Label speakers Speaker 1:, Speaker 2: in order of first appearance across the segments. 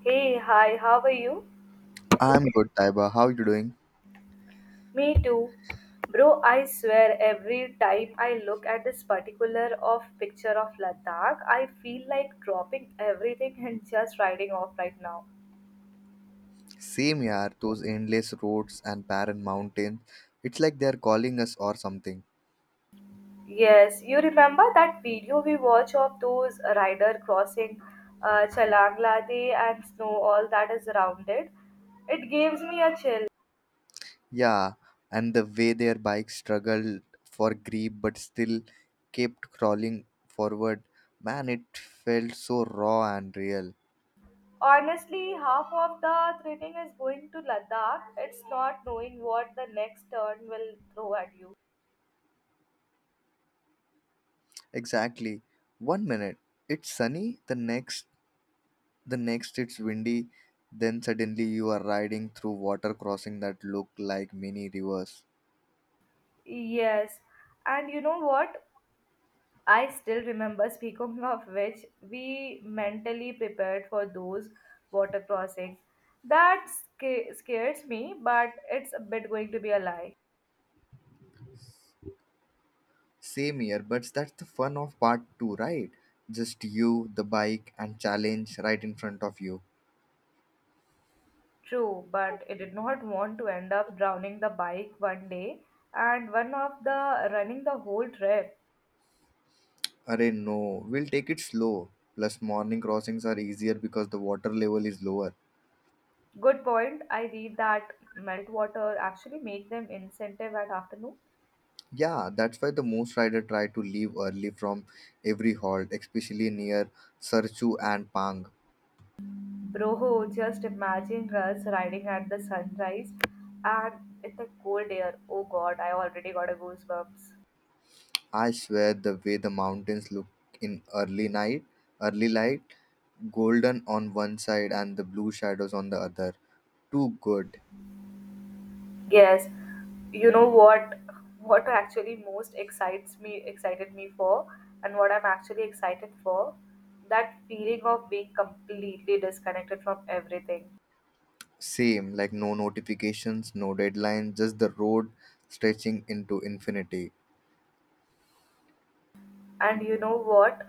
Speaker 1: Hey, hi, how are you?
Speaker 2: I'm good, Taiba. How you doing?
Speaker 1: Me too. Bro, I swear every time I look at this particular of picture of Ladakh, I feel like dropping everything and just riding off right now.
Speaker 2: Same yaar, those endless roads and barren mountains. It's like they're calling us or something.
Speaker 1: Yes, you remember that video we watched of those rider crossing Chalang Lade and snow all that is around it? It gives me a chill.
Speaker 2: Yeah, and the way their bikes struggled for grip but still kept crawling forward. Man, it felt so raw and real.
Speaker 1: Honestly, half of the thrilling is going to Ladakh. It's not knowing what the next turn will throw at you.
Speaker 2: Exactly. One minute it's sunny, the next it's windy, then suddenly you are riding through water crossing that look like mini rivers.
Speaker 1: Yes, and you know what? I still remember, speaking of which, we mentally prepared for those water crossing. Scares me, but it's a bit going to be a lie.
Speaker 2: Same here, but that's the fun of part two, right? Just you, the bike, and challenge right in front of you.
Speaker 1: True, but I did not want to end up drowning the bike one day and one of the running the whole trip.
Speaker 2: Array, no, we'll take it slow. Plus, morning crossings are easier because the water level is lower.
Speaker 1: Good point. I read that meltwater actually make them incentive at afternoon.
Speaker 2: Yeah, that's why the most rider try to leave early from every halt, especially near Sarchu and Pang.
Speaker 1: Bro, just imagine us riding at the sunrise and in the cold air. Oh God, I already got a goosebumps.
Speaker 2: I swear, the way the mountains look in early night, early light, golden on one side and the blue shadows on the other. Too good.
Speaker 1: Yes, you know what? What actually most excites me, excited me for, and what I'm actually excited for, that feeling of being completely disconnected from everything.
Speaker 2: Same, like no notifications, no deadlines, just the road stretching into infinity.
Speaker 1: And you know what?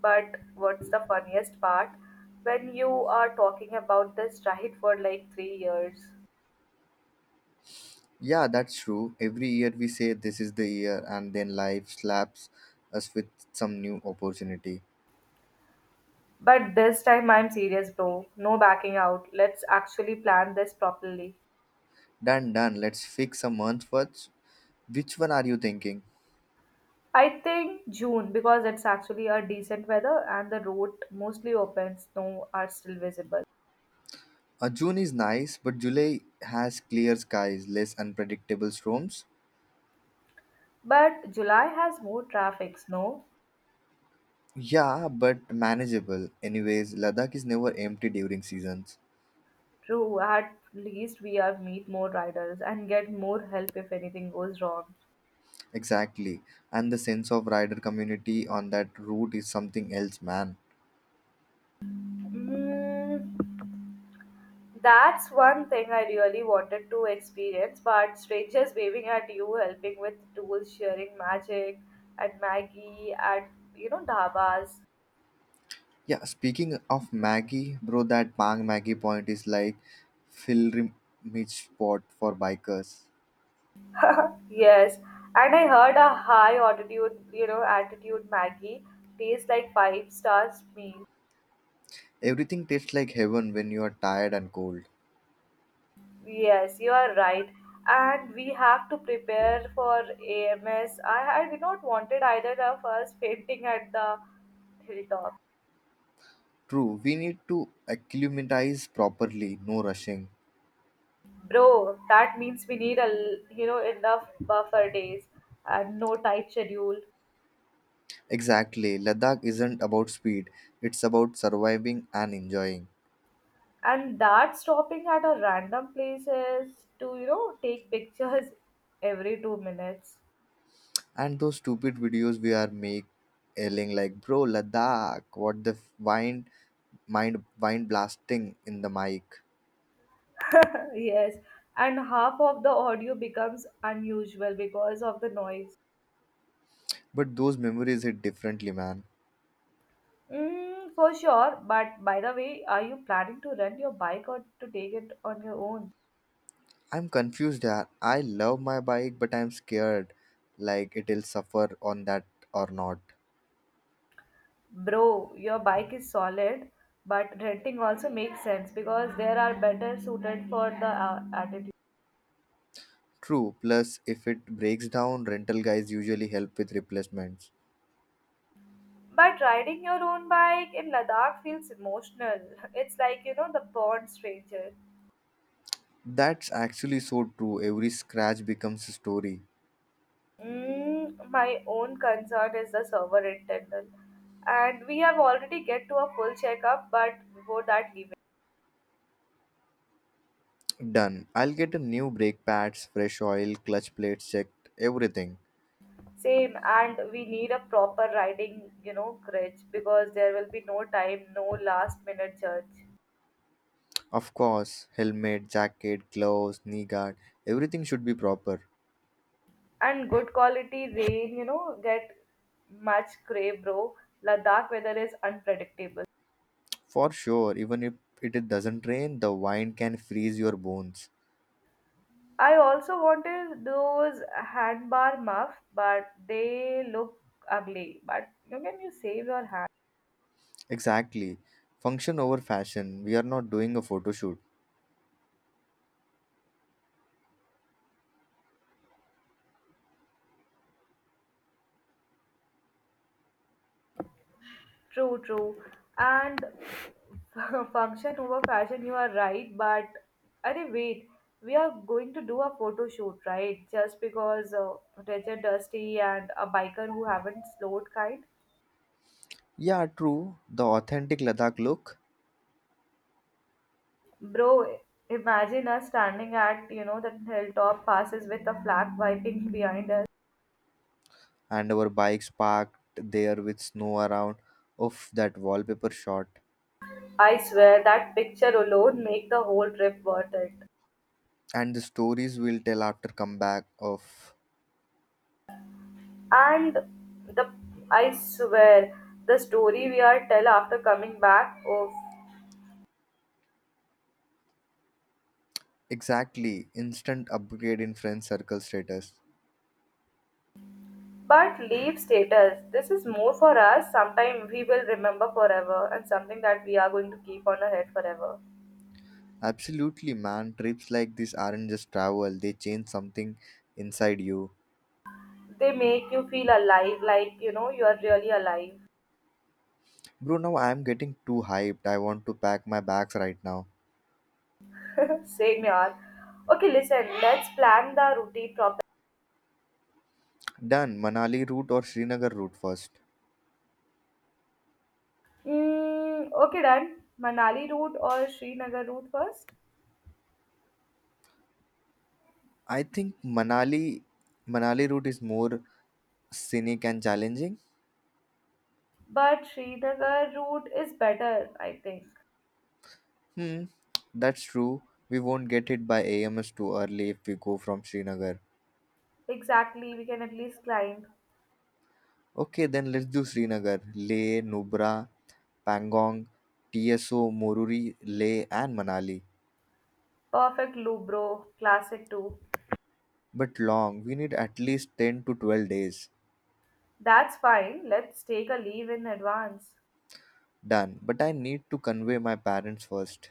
Speaker 1: But what's the funniest part? When you are talking about this ride for like 3 years.
Speaker 2: Yeah, that's true. Every year we say this is the year, and then life slaps us with some new opportunity.
Speaker 1: But this time I'm serious, bro. No backing out. Let's actually plan this properly.
Speaker 2: Done, done. Let's fix a month first. Which one are you thinking?
Speaker 1: I think June because it's actually a decent weather and the road mostly open, snow are still visible.
Speaker 2: June is nice, but July has clear skies, less unpredictable storms.
Speaker 1: But July has more traffic, snow.
Speaker 2: Yeah, but manageable. Anyways, Ladakh is never empty during seasons.
Speaker 1: True, at least we are meet more riders and get more help if anything goes wrong.
Speaker 2: Exactly. And the sense of rider community on that route is something else, man.
Speaker 1: Mm, that's one thing I really wanted to experience, but strangers waving at you, helping with tools, sharing magic and Maggie at dhabas.
Speaker 2: Yeah, speaking of Maggie, bro, that Pang Maggie point is like pilgrimage spot for bikers.
Speaker 1: Yes, and I heard a high altitude, altitude Maggie tastes like five stars meal.
Speaker 2: Everything tastes like heaven when you are tired and cold.
Speaker 1: Yes, you are right. And we have to prepare for AMS. I did not wanted either of us fainting at the hilltop.
Speaker 2: True, we need to acclimatize properly, no rushing.
Speaker 1: Bro, that means we need a l- you know enough buffer days and no tight schedule.
Speaker 2: Exactly, Ladakh isn't about speed, it's about surviving and enjoying.
Speaker 1: And that stopping at a random places to take pictures every 2 minutes.
Speaker 2: And those stupid videos we are make yelling like, bro, Ladakh, what the wine mind blasting in the mic.
Speaker 1: Yes, and half of the audio becomes unusual because of the noise.
Speaker 2: But those memories hit differently, man.
Speaker 1: Mm, for sure. But by the way, are you planning to rent your bike or to take it on your own?
Speaker 2: I'm confused that I love my bike, but I'm scared like it'll suffer on that or not.
Speaker 1: Bro, your bike is solid, but renting also makes sense because there are better suited for the attitude.
Speaker 2: True, plus if it breaks down, rental guys usually help with replacements.
Speaker 1: But riding your own bike in Ladakh feels emotional. It's like, you know, the bond stranger.
Speaker 2: That's actually so true. Every scratch becomes a story.
Speaker 1: Mm, my own concern is the server intendal. And we have already get to a full checkup, but before that leaving.
Speaker 2: Done. I'll get a new brake pads, fresh oil, clutch plates checked, everything.
Speaker 1: Same, and we need a proper riding, you know, crutch because there will be no time, no last minute church.
Speaker 2: Of course, helmet, jacket, gloves, knee guard, everything should be proper.
Speaker 1: And good quality rain get much gray bro, Ladakh weather is unpredictable.
Speaker 2: For sure, even if it doesn't rain, the wind can freeze your bones.
Speaker 1: I also wanted those handbar muff, but they look ugly, but you can you save your hand.
Speaker 2: Exactly. Function over fashion. We are not doing a photo shoot.
Speaker 1: True, true, and function over fashion you are right, but अरे wait, we are going to do a photo shoot right just because rich dusty and a biker who haven't slowed kind.
Speaker 2: Yeah, true. The authentic Ladakh look,
Speaker 1: Bro, imagine us standing at, you know, that hilltop passes with a flag wiping behind us.
Speaker 2: and our bikes parked there with snow around. Of that wallpaper shot
Speaker 1: I swear that picture alone make the whole trip worth it.
Speaker 2: and the stories we'll tell after comeback of
Speaker 1: And the I swear The story we are tell after coming back of
Speaker 2: exactly instant upgrade in friend circle status.
Speaker 1: but leave status. This is more for us. Sometime we will remember forever and something that we are going to keep on our head forever.
Speaker 2: Absolutely, man. Trips like this aren't just travel, they change something inside you.
Speaker 1: They make you feel alive, like you know you are really alive.
Speaker 2: Bro, now I'm getting too hyped. I want to pack my bags right now.
Speaker 1: Same yaar. Okay, listen, let's plan the route properly.
Speaker 2: Done. Manali route or Srinagar route first?
Speaker 1: Mm, okay, done. Manali route or Srinagar route first?
Speaker 2: I think Manali route is more scenic and challenging.
Speaker 1: But Srinagar route is better, I think.
Speaker 2: Hmm, that's true. We won't get hit by AMS too early if we go from Srinagar.
Speaker 1: Exactly, we can at least climb.
Speaker 2: Okay, then let's do Srinagar, Leh, Nubra, Pangong, TSO, Moruri, Leh, and Manali.
Speaker 1: Perfect loop, bro. Classic too.
Speaker 2: But long, we need at least 10 to 12 days.
Speaker 1: That's fine. Let's take a leave in advance.
Speaker 2: Done. But I need to convey my parents first.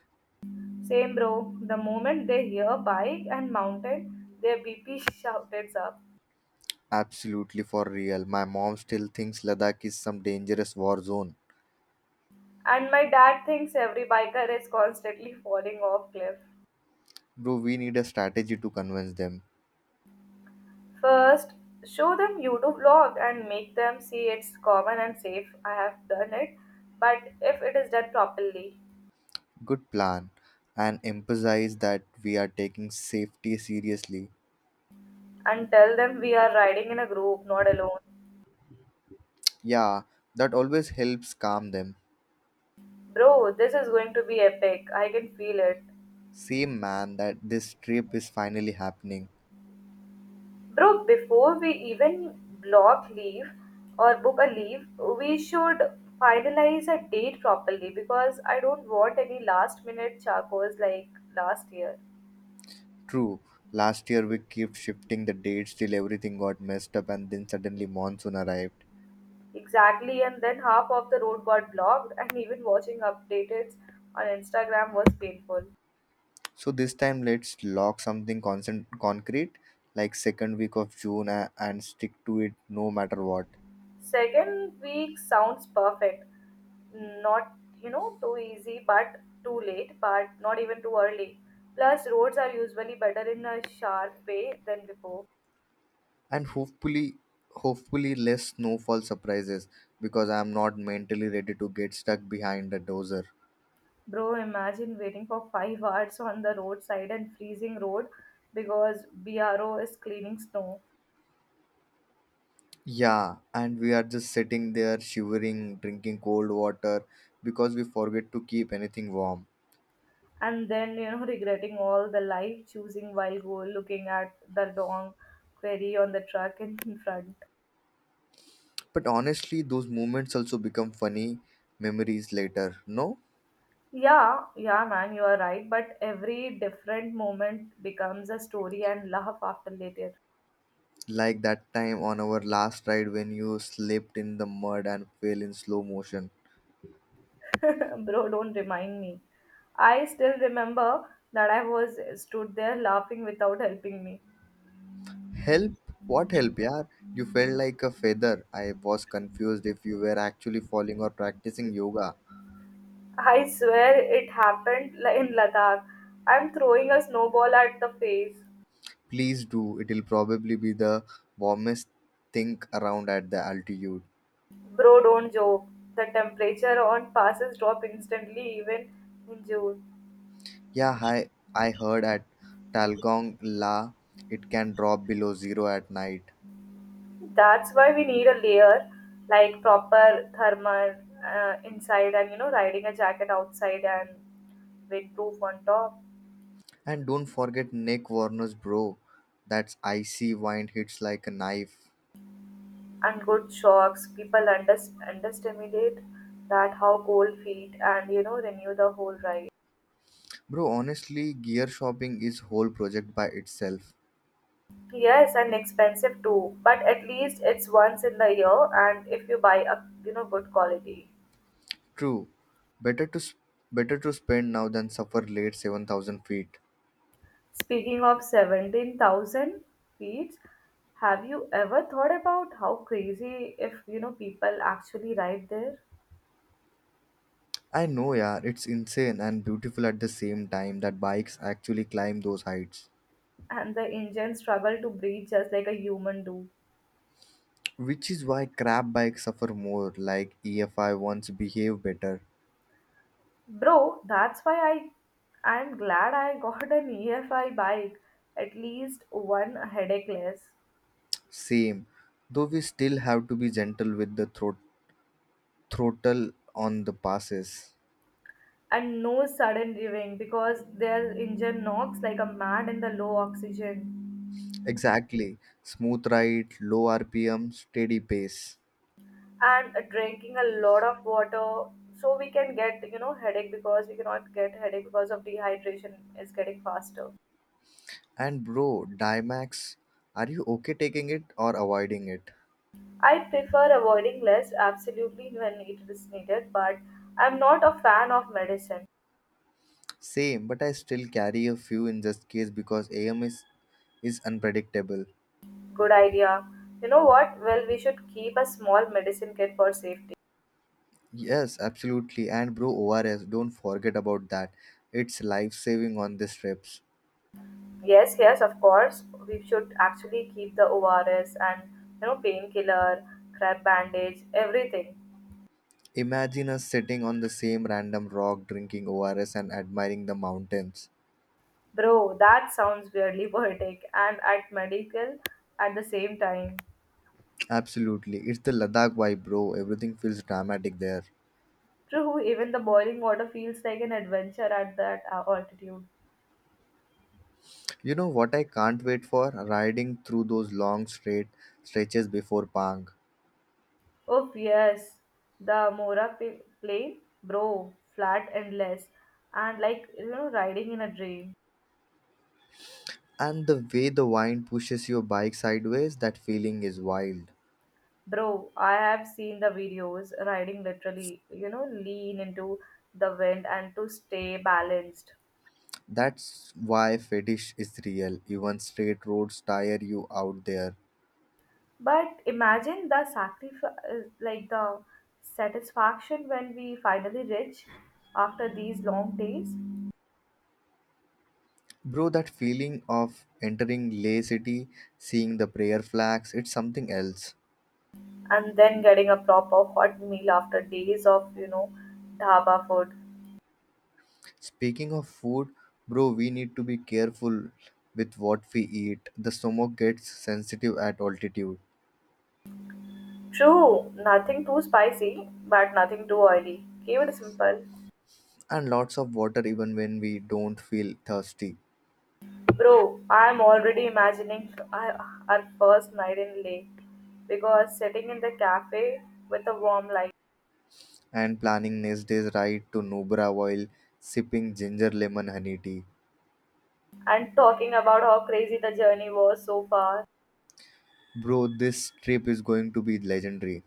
Speaker 1: Same, bro. The moment they hear bike and mountain, their BP shouts up.
Speaker 2: Absolutely for real. My mom still thinks Ladakh is some dangerous war zone.
Speaker 1: And my dad thinks every biker is constantly falling off cliff.
Speaker 2: Bro, we need a strategy to convince them.
Speaker 1: First, show them you do vlog and make them see it's common and safe. I have done it, but if it is done properly,
Speaker 2: Good plan. And emphasize that we are taking safety seriously.
Speaker 1: and tell them we are riding in a group, not alone.
Speaker 2: Yeah, that always helps calm them.
Speaker 1: Bro, this is going to be epic. I can feel it.
Speaker 2: Same, man, that this trip is finally happening.
Speaker 1: Bro, before we even block leave or book a leave, we should finalize a date properly because I don't want any last minute charcoals like last year.
Speaker 2: True, last year we kept shifting the dates till everything got messed up and then suddenly monsoon arrived.
Speaker 1: Exactly, and then half of the road got blocked, and even watching updates on Instagram was painful.
Speaker 2: So this time let's lock something constant, concrete, like second week of June and stick to it no matter what.
Speaker 1: Second week sounds perfect. Not, you know, too easy, but too late, but not even too early. Plus, roads are usually better in a sharp way than before.
Speaker 2: And hopefully less snowfall surprises because I am not mentally ready to get stuck behind a dozer.
Speaker 1: Bro, imagine waiting for 5 hours on the roadside and freezing road because BRO is cleaning snow.
Speaker 2: Yeah, and we are just sitting there shivering, drinking cold water because we forget to keep anything warm.
Speaker 1: And then regretting all the life choosing while go looking at the wrong query on the truck in front.
Speaker 2: But honestly, those moments also become funny memories later, no?
Speaker 1: Yeah, yeah, man, you are right, but every different moment becomes a story and laugh after later.
Speaker 2: Like that time on our last ride when you slipped in the mud and fell in slow motion.
Speaker 1: Bro, don't remind me. I still remember that I was stood there laughing without helping me.
Speaker 2: Help? What help, yaar? You felt like a feather. I was confused if you were actually falling or practicing yoga.
Speaker 1: I swear it happened in Ladakh, I'm throwing a snowball at the face.
Speaker 2: Please do. It'll probably be the warmest thing around at the altitude.
Speaker 1: Bro, don't joke. The temperature on passes drop instantly even in June.
Speaker 2: Yeah, hi. I heard at Talgong La it can drop below zero at night.
Speaker 1: That's why we need a layer like proper thermal inside and you know riding a jacket outside and windproof on top.
Speaker 2: And don't forget Nick Warner's, bro. That's icy wind hits like a knife.
Speaker 1: And good shocks. People underestimate that how cold feet and you know renew the whole ride.
Speaker 2: Bro, honestly, gear shopping is whole project by itself.
Speaker 1: Yes, and expensive too, but at least it's once in the year and if you buy a you know good quality.
Speaker 2: True, better to s- better to spend now than suffer late 7,000 feet.
Speaker 1: Speaking of 17,000 feet, have you ever thought about how crazy if, you know, people actually ride there
Speaker 2: I know, yeah, it's insane and beautiful at the same time that bikes actually climb those heights,
Speaker 1: and the engines struggle to breathe just like a human do?
Speaker 2: which is why crap bikes suffer more. Like EFI ones behave better.
Speaker 1: Bro, that's why I'm glad I got an EFI bike, at least one headache less.
Speaker 2: Same, though we still have to be gentle with the throttle on the passes.
Speaker 1: And no sudden revving because their engine knocks like a mad in the low oxygen.
Speaker 2: Exactly, smooth ride, low RPM, steady pace.
Speaker 1: And drinking a lot of water so we can get you know headache because we cannot get headache because of dehydration is getting faster.
Speaker 2: And bro, Dimax, are you okay taking it or avoiding it?
Speaker 1: I prefer avoiding less absolutely when it is needed, but I'm not a fan of medicine.
Speaker 2: Same, but I still carry a few in just case because AM is unpredictable.
Speaker 1: Good idea. You know what, well, we should keep a small medicine kit for safety.
Speaker 2: Yes, absolutely. And bro, ORS, don't forget about that. It's life saving on these trips.
Speaker 1: Yes, yes, of course we should actually keep the ORS and painkiller, crab bandage, everything.
Speaker 2: Imagine us sitting on the same random rock drinking ORS and admiring the mountains.
Speaker 1: Bro, that sounds weirdly poetic and at medical at the same time.
Speaker 2: Absolutely. It's the Ladakh vibe, bro. Everything feels dramatic there.
Speaker 1: True, even the boiling water feels like an adventure at that altitude.
Speaker 2: You know what I can't wait for? Riding through those long straight stretches before Pang.
Speaker 1: Oh yes, plane, bro, flat and less, and like you know, riding in a dream.
Speaker 2: And the way the wind pushes your bike sideways, that feeling is wild.
Speaker 1: Bro, I have seen the videos riding literally, you know, lean into the wind and to stay balanced.
Speaker 2: That's why fetish is real, even straight roads tire you out there.
Speaker 1: But imagine the sacrifice, like the satisfaction when we finally reach after these long days,
Speaker 2: Bro, that feeling of entering Lay city, seeing the prayer flags, it's something else.
Speaker 1: and then getting a proper hot meal after days of dhaba food.
Speaker 2: Speaking of food, bro, we need to be careful with what we eat. The stomach gets sensitive at altitude,
Speaker 1: True, nothing too spicy, but nothing too oily. Keep it simple,
Speaker 2: and lots of water even when we don't feel thirsty.
Speaker 1: bro. I'm already imagining our first night in Leh because sitting in the cafe with a warm light
Speaker 2: And planning next day's ride to Nubra while sipping ginger lemon honey tea.
Speaker 1: and talking about how crazy the journey was so far.
Speaker 2: Bro, this trip is going to be legendary,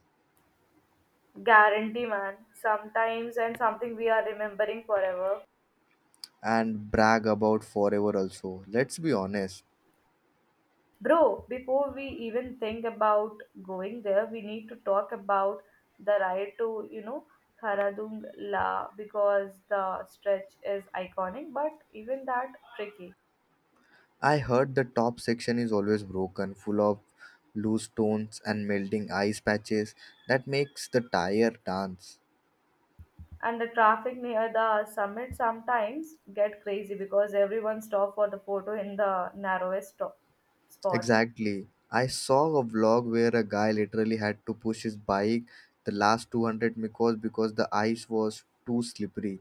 Speaker 1: Guarantee, man. Sometimes, and something we are remembering forever.
Speaker 2: and brag about forever also. Let's be honest.
Speaker 1: Bro, before we even think about going there, we need to talk about the ride to, you know, Haradung La because the stretch is iconic but even that tricky.
Speaker 2: I heard the top section is always broken, full of loose stones and melting ice patches that makes the tire dance.
Speaker 1: And the traffic near the summit sometimes get crazy because everyone stop for the photo in the narrowest stop spot.
Speaker 2: Exactly. I saw a vlog where a guy literally had to push his bike the last 200 meters because the ice was too slippery.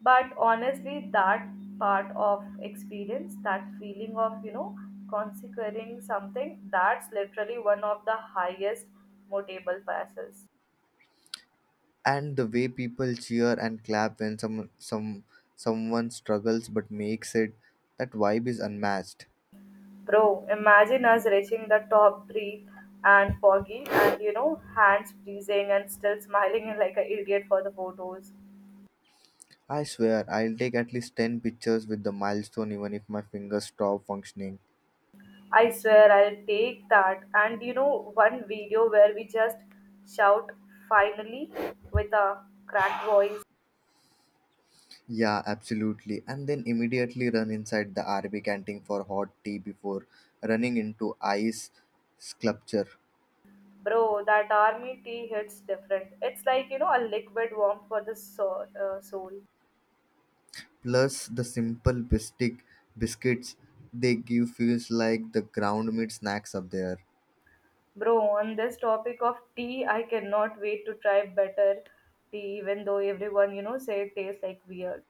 Speaker 1: But honestly that part of experience, that feeling of consecrating something that's literally one of the highest motivable passes.
Speaker 2: And the way people cheer and clap when some someone struggles but makes it, that vibe is unmatched.
Speaker 1: Bro, imagine us reaching the top three and foggy and you know hands freezing and still smiling like an idiot for the photos.
Speaker 2: I swear I'll take at least 10 pictures with the milestone even if my fingers stop functioning.
Speaker 1: I swear I'll take that and one video where we just shout finally with a cracked voice.
Speaker 2: Yeah, absolutely. And then immediately run inside the rb canteen for hot tea before running into ice sculpture.
Speaker 1: Bro, that army tea hits different. It's like, you know, a liquid warmth for the soul.
Speaker 2: Plus the simple bistic biscuits they give feels like the ground meat snacks up there.
Speaker 1: Bro, on this topic of tea, I cannot wait to try better tea, even though everyone, you know, say it tastes like weird.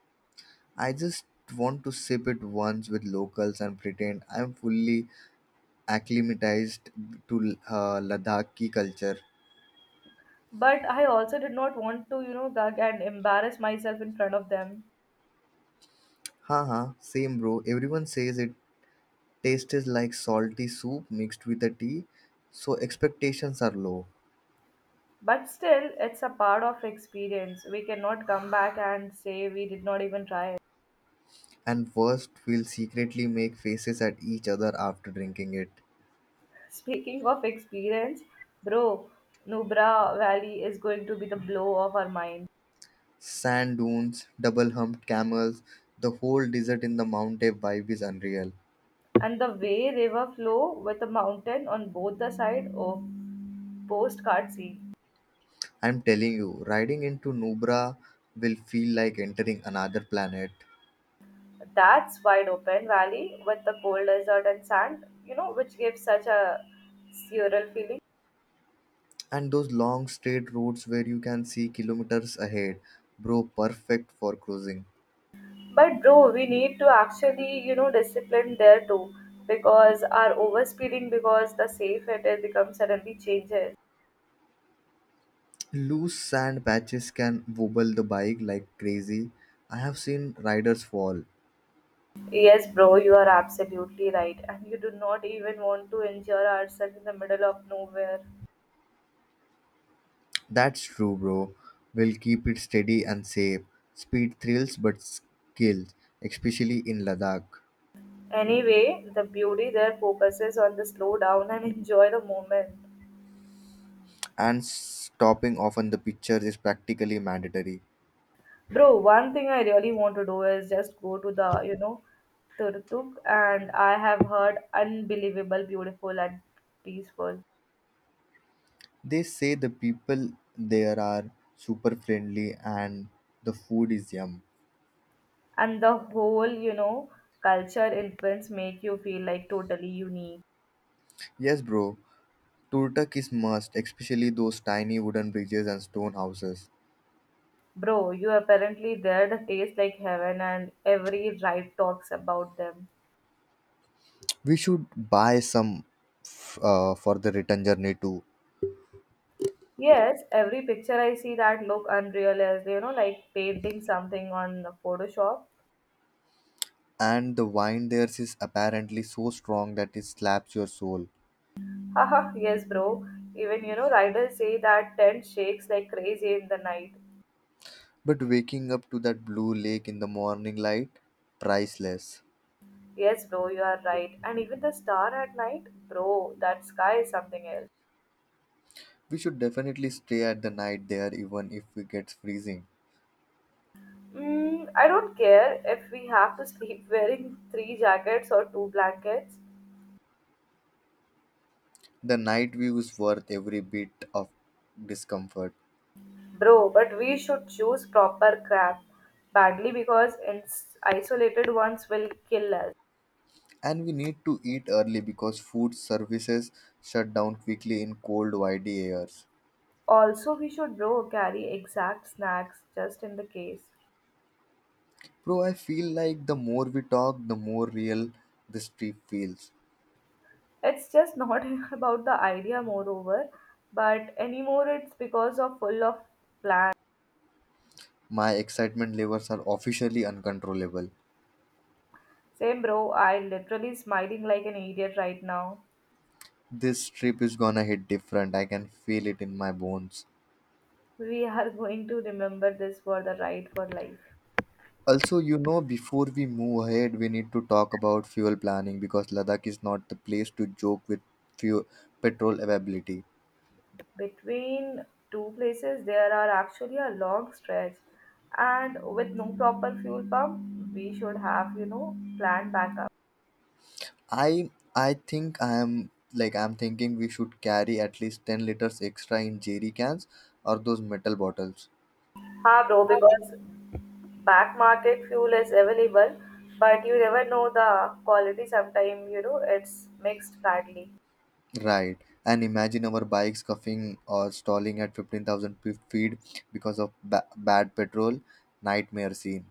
Speaker 2: I just want to sip it once with locals and pretend I'm fully acclimatized to Ladakhi culture.
Speaker 1: But I also did not want to, you know, gag and embarrass myself in front of them.
Speaker 2: Haha, same bro. Everyone says it tastes like salty soup mixed with a tea, so expectations are low.
Speaker 1: But still, it's a part of experience. We cannot come back and say we did not even try it.
Speaker 2: And worst, we'll secretly make faces at each other after drinking it.
Speaker 1: Speaking of experience, bro, Nubra Valley is going to be the blow of our mind.
Speaker 2: Sand dunes, double humped camels, the whole desert in the mountain vibe is unreal.
Speaker 1: And the Wei River flow with a mountain on both the side of postcard sea.
Speaker 2: I'm telling you, riding into Nubra will feel like entering another planet.
Speaker 1: That's wide open valley with the cold desert and sand, you know, which gives such a surreal feeling.
Speaker 2: And those long straight roads where you can see kilometers ahead, bro, perfect for cruising.
Speaker 1: But bro, we need to actually, you know, discipline there too because our overspeeding because the safe it is becomes suddenly changes.
Speaker 2: Loose sand patches can wobble the bike like crazy. I have seen riders fall.
Speaker 1: Yes, bro, you are absolutely right. And you do not even want to injure ourselves in the middle of nowhere.
Speaker 2: That's true, bro. We'll keep it steady and safe. Speed thrills but skills, especially in Ladakh.
Speaker 1: Anyway, the beauty there focuses on the slow down and enjoy the moment.
Speaker 2: And stopping off on the pictures is practically mandatory.
Speaker 1: Bro, one thing I really want to do is just go to the Turtuk, and I have heard unbelievable, beautiful and peaceful.
Speaker 2: They say the people there are super friendly and the food is yum.
Speaker 1: And the whole culture influence make you feel like totally unique.
Speaker 2: Yes, bro. Turtak is must, especially those tiny wooden bridges and stone houses.
Speaker 1: Bro, you apparently there the taste like heaven and every ride talks about them.
Speaker 2: We should buy some for the return journey too.
Speaker 1: Yes, every picture I see that look unreal as you know, like painting something on Photoshop.
Speaker 2: And the wine there is apparently so strong that it slaps your soul.
Speaker 1: Haha, yes, bro. Even riders say that tent shakes like crazy in the night.
Speaker 2: But waking up to that blue lake in the morning light, priceless.
Speaker 1: Yes, bro, you are right. And even the star at night, bro, that sky is something else.
Speaker 2: We should definitely stay at the night there even if it gets freezing.
Speaker 1: I don't care if we have to sleep wearing three jackets or two blankets,
Speaker 2: The night view is worth every bit of discomfort.
Speaker 1: bro, but we should choose proper crap badly because isolated ones will kill us.
Speaker 2: And we need to eat early because food services shut down quickly in cold, windy airs.
Speaker 1: Also, we should bro carry exact snacks just in the case.
Speaker 2: Bro, I feel like the more we talk, the more real this trip feels.
Speaker 1: It's just not about the idea, moreover, but anymore it's because of full of plan.
Speaker 2: My excitement levels are officially uncontrollable.
Speaker 1: Same bro, I literally smiling like an idiot right now.
Speaker 2: This trip is gonna hit different. I can feel it in my bones.
Speaker 1: We are going to remember this for the ride for life.
Speaker 2: Also, you know, before we move ahead, we need to talk about fuel planning because Ladakh is not the place to joke with fuel petrol availability.
Speaker 1: Between two places, there are actually a long stretch, and with no proper fuel pump, we should have planned backup.
Speaker 2: I'm thinking we should carry at least 10 liters extra in jerry cans or those metal bottles.
Speaker 1: Ha bro, because back market fuel is available but you never know the quality. Sometimes it's mixed badly,
Speaker 2: Right. And imagine our bikes scuffing or stalling at 15,000 feet because of bad petrol. Nightmare scene.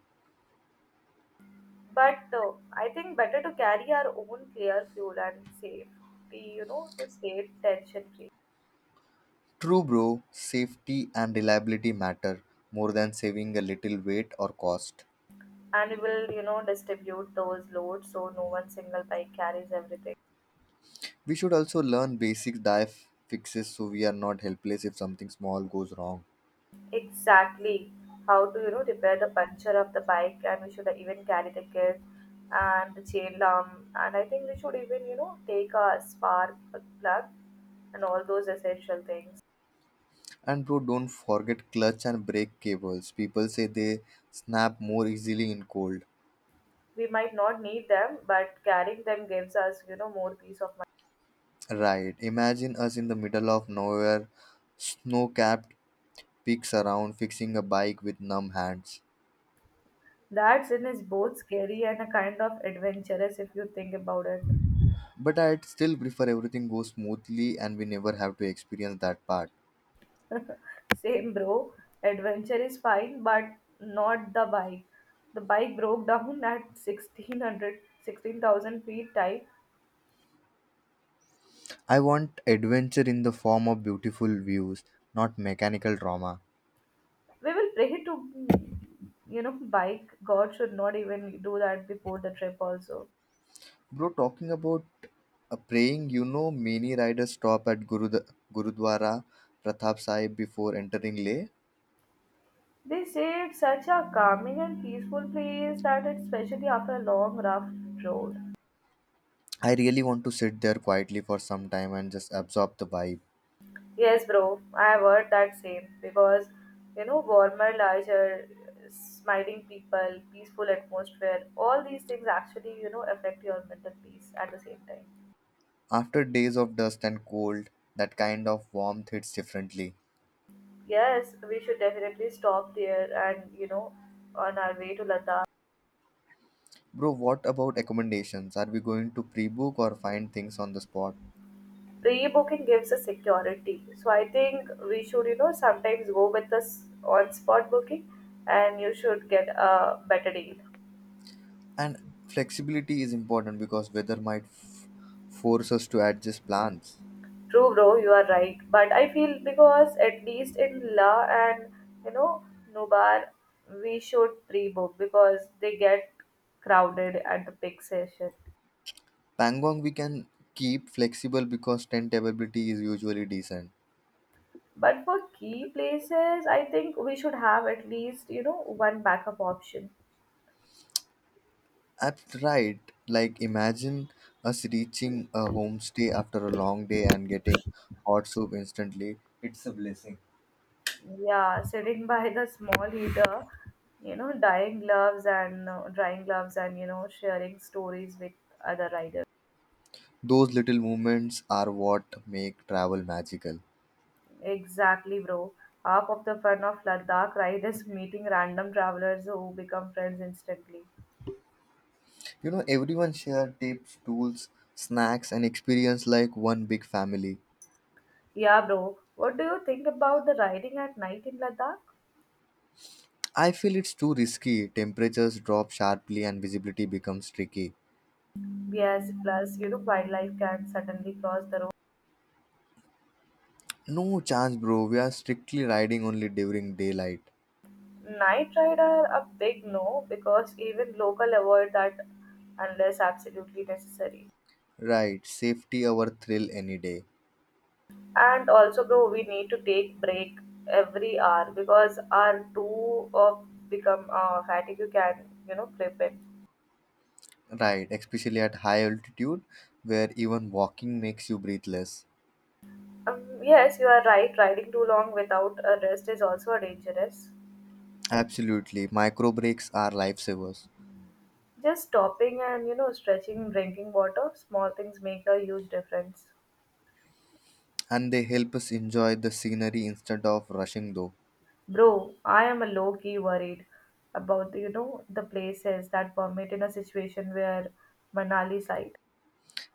Speaker 1: but I think better to carry our own clear fuel and save the to stay tension free,
Speaker 2: True, bro. Safety and reliability matter more than saving a little weight or cost.
Speaker 1: and we will distribute those loads so no one single bike carries everything.
Speaker 2: We should also learn basic dive fixes so we are not helpless if something small goes wrong.
Speaker 1: Exactly. How to repair the puncture of the bike, and we should even carry the kit and the chain lamp, and I think we should even take a spark plug and all those essential things.
Speaker 2: And bro, don't forget clutch and brake cables. People say they snap more easily in cold.
Speaker 1: We might not need them, but carrying them gives us more peace of mind.
Speaker 2: Right. Imagine us in the middle of nowhere, snow capped peaks around, fixing a bike with numb hands.
Speaker 1: That sin is both scary and a kind of adventurous if you think about it.
Speaker 2: But I'd still prefer everything goes smoothly and we never have to experience that part.
Speaker 1: Same bro, adventure is fine, but not the bike. The bike broke down at 1,600 16,000 feet type.
Speaker 2: I want adventure in the form of beautiful views, not mechanical trauma.
Speaker 1: We will pray to bike. God should not even do that before the trip also.
Speaker 2: Bro, talking about praying, you know, many riders stop at Gurudwara Pratap Sahib before entering Leh.
Speaker 1: They say it's such a calming and peaceful place that it's especially after a long, rough road.
Speaker 2: I really want to sit there quietly for some time and just absorb the vibe.
Speaker 1: Yes, bro, I have heard that same because warmer, larger, smiling people, peaceful atmosphere, all these things actually affect your mental peace at the same time.
Speaker 2: After days of dust and cold, that kind of warmth hits differently.
Speaker 1: Yes, we should definitely stop there and on our way to Ladakh.
Speaker 2: Bro, what about accommodations? Are we going to pre book or find things on the spot?
Speaker 1: Pre-booking gives us security, so I think we should sometimes go with us on spot booking and you should get a better deal.
Speaker 2: And flexibility is important because weather might force us to adjust plans.
Speaker 1: True, bro, you are right. But I feel because at least in La and you know Nubar, we should pre-book because they get crowded at the peak session.
Speaker 2: Pangong we can keep flexible because tent availability is usually decent.
Speaker 1: But for key places, I think we should have at least one backup option.
Speaker 2: I've tried, like, imagine us reaching a homestay after a long day and getting hot soup instantly. It's a blessing.
Speaker 1: Yeah, sitting by the small heater, dyeing gloves and drying gloves and sharing stories with other riders.
Speaker 2: Those little moments are what make travel magical.
Speaker 1: Exactly, bro. Half of the fun of Ladakh ride is meeting random travelers who become friends instantly.
Speaker 2: You know, everyone shared tips, tools, snacks, and experience like one big family.
Speaker 1: Yeah, bro. What do you think about the riding at night in Ladakh?
Speaker 2: I feel it's too risky. Temperatures drop sharply and visibility becomes tricky.
Speaker 1: Yes, plus, wildlife can suddenly cross the road.
Speaker 2: No chance, bro. We are strictly riding only during daylight.
Speaker 1: Night ride are a big no because even local avoid that unless absolutely necessary.
Speaker 2: Right, safety our thrill any day.
Speaker 1: And also, bro, we need to take break every hour because our two of become fatigue can creep in.
Speaker 2: Right, especially at high altitude where even walking makes you breathless.
Speaker 1: Yes, you are right. Riding too long without a rest is also dangerous.
Speaker 2: Absolutely, micro breaks are lifesavers,
Speaker 1: Just stopping and stretching, drinking water, small things make a huge difference.
Speaker 2: and they help us enjoy the scenery instead of rushing though.
Speaker 1: Bro, I am a low key worried about the, you know the places that permit in a situation where Manali site.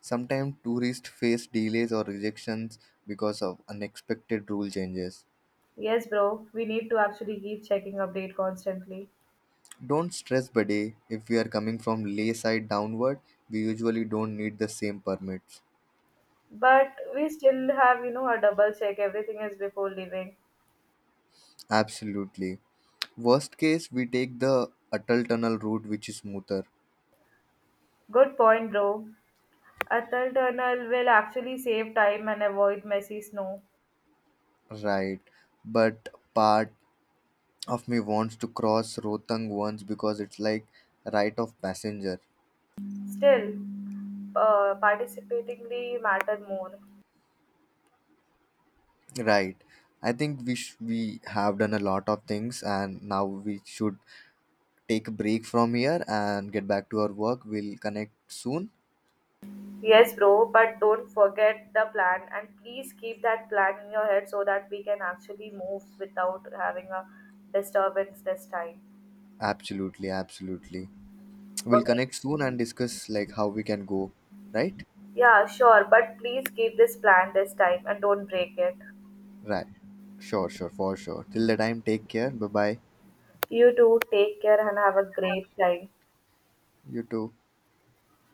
Speaker 2: Sometimes tourists face delays or rejections because of unexpected rule changes.
Speaker 1: Yes, bro, we need to actually keep checking update constantly.
Speaker 2: Don't stress, buddy. If we are coming from Leh side downward, we usually don't need the same permits.
Speaker 1: But we still have a double check everything is before leaving.
Speaker 2: Absolutely. Worst case, we take the Atal Tunnel route, which is smoother,
Speaker 1: Good point, bro. A tunnel will actually save time and avoid messy snow.
Speaker 2: right? But part of me wants to cross Rohtang once because it's like right of passenger,
Speaker 1: Still, participatingly matter more.
Speaker 2: right? I think we have done a lot of things, and now we should take a break from here and get back to our work. We'll connect soon.
Speaker 1: Yes, bro, but don't forget the plan and please keep that plan in your head so that we can actually move without having a disturbance this time.
Speaker 2: Absolutely, absolutely. We'll
Speaker 1: Okay.
Speaker 2: connect soon and discuss like how we can go, right?
Speaker 1: Yeah, sure, but please keep this plan this time and don't break it.
Speaker 2: Right. Sure, sure, for sure. Till the time, take care. Bye bye.
Speaker 1: You too, take care and have a great time.
Speaker 2: You too.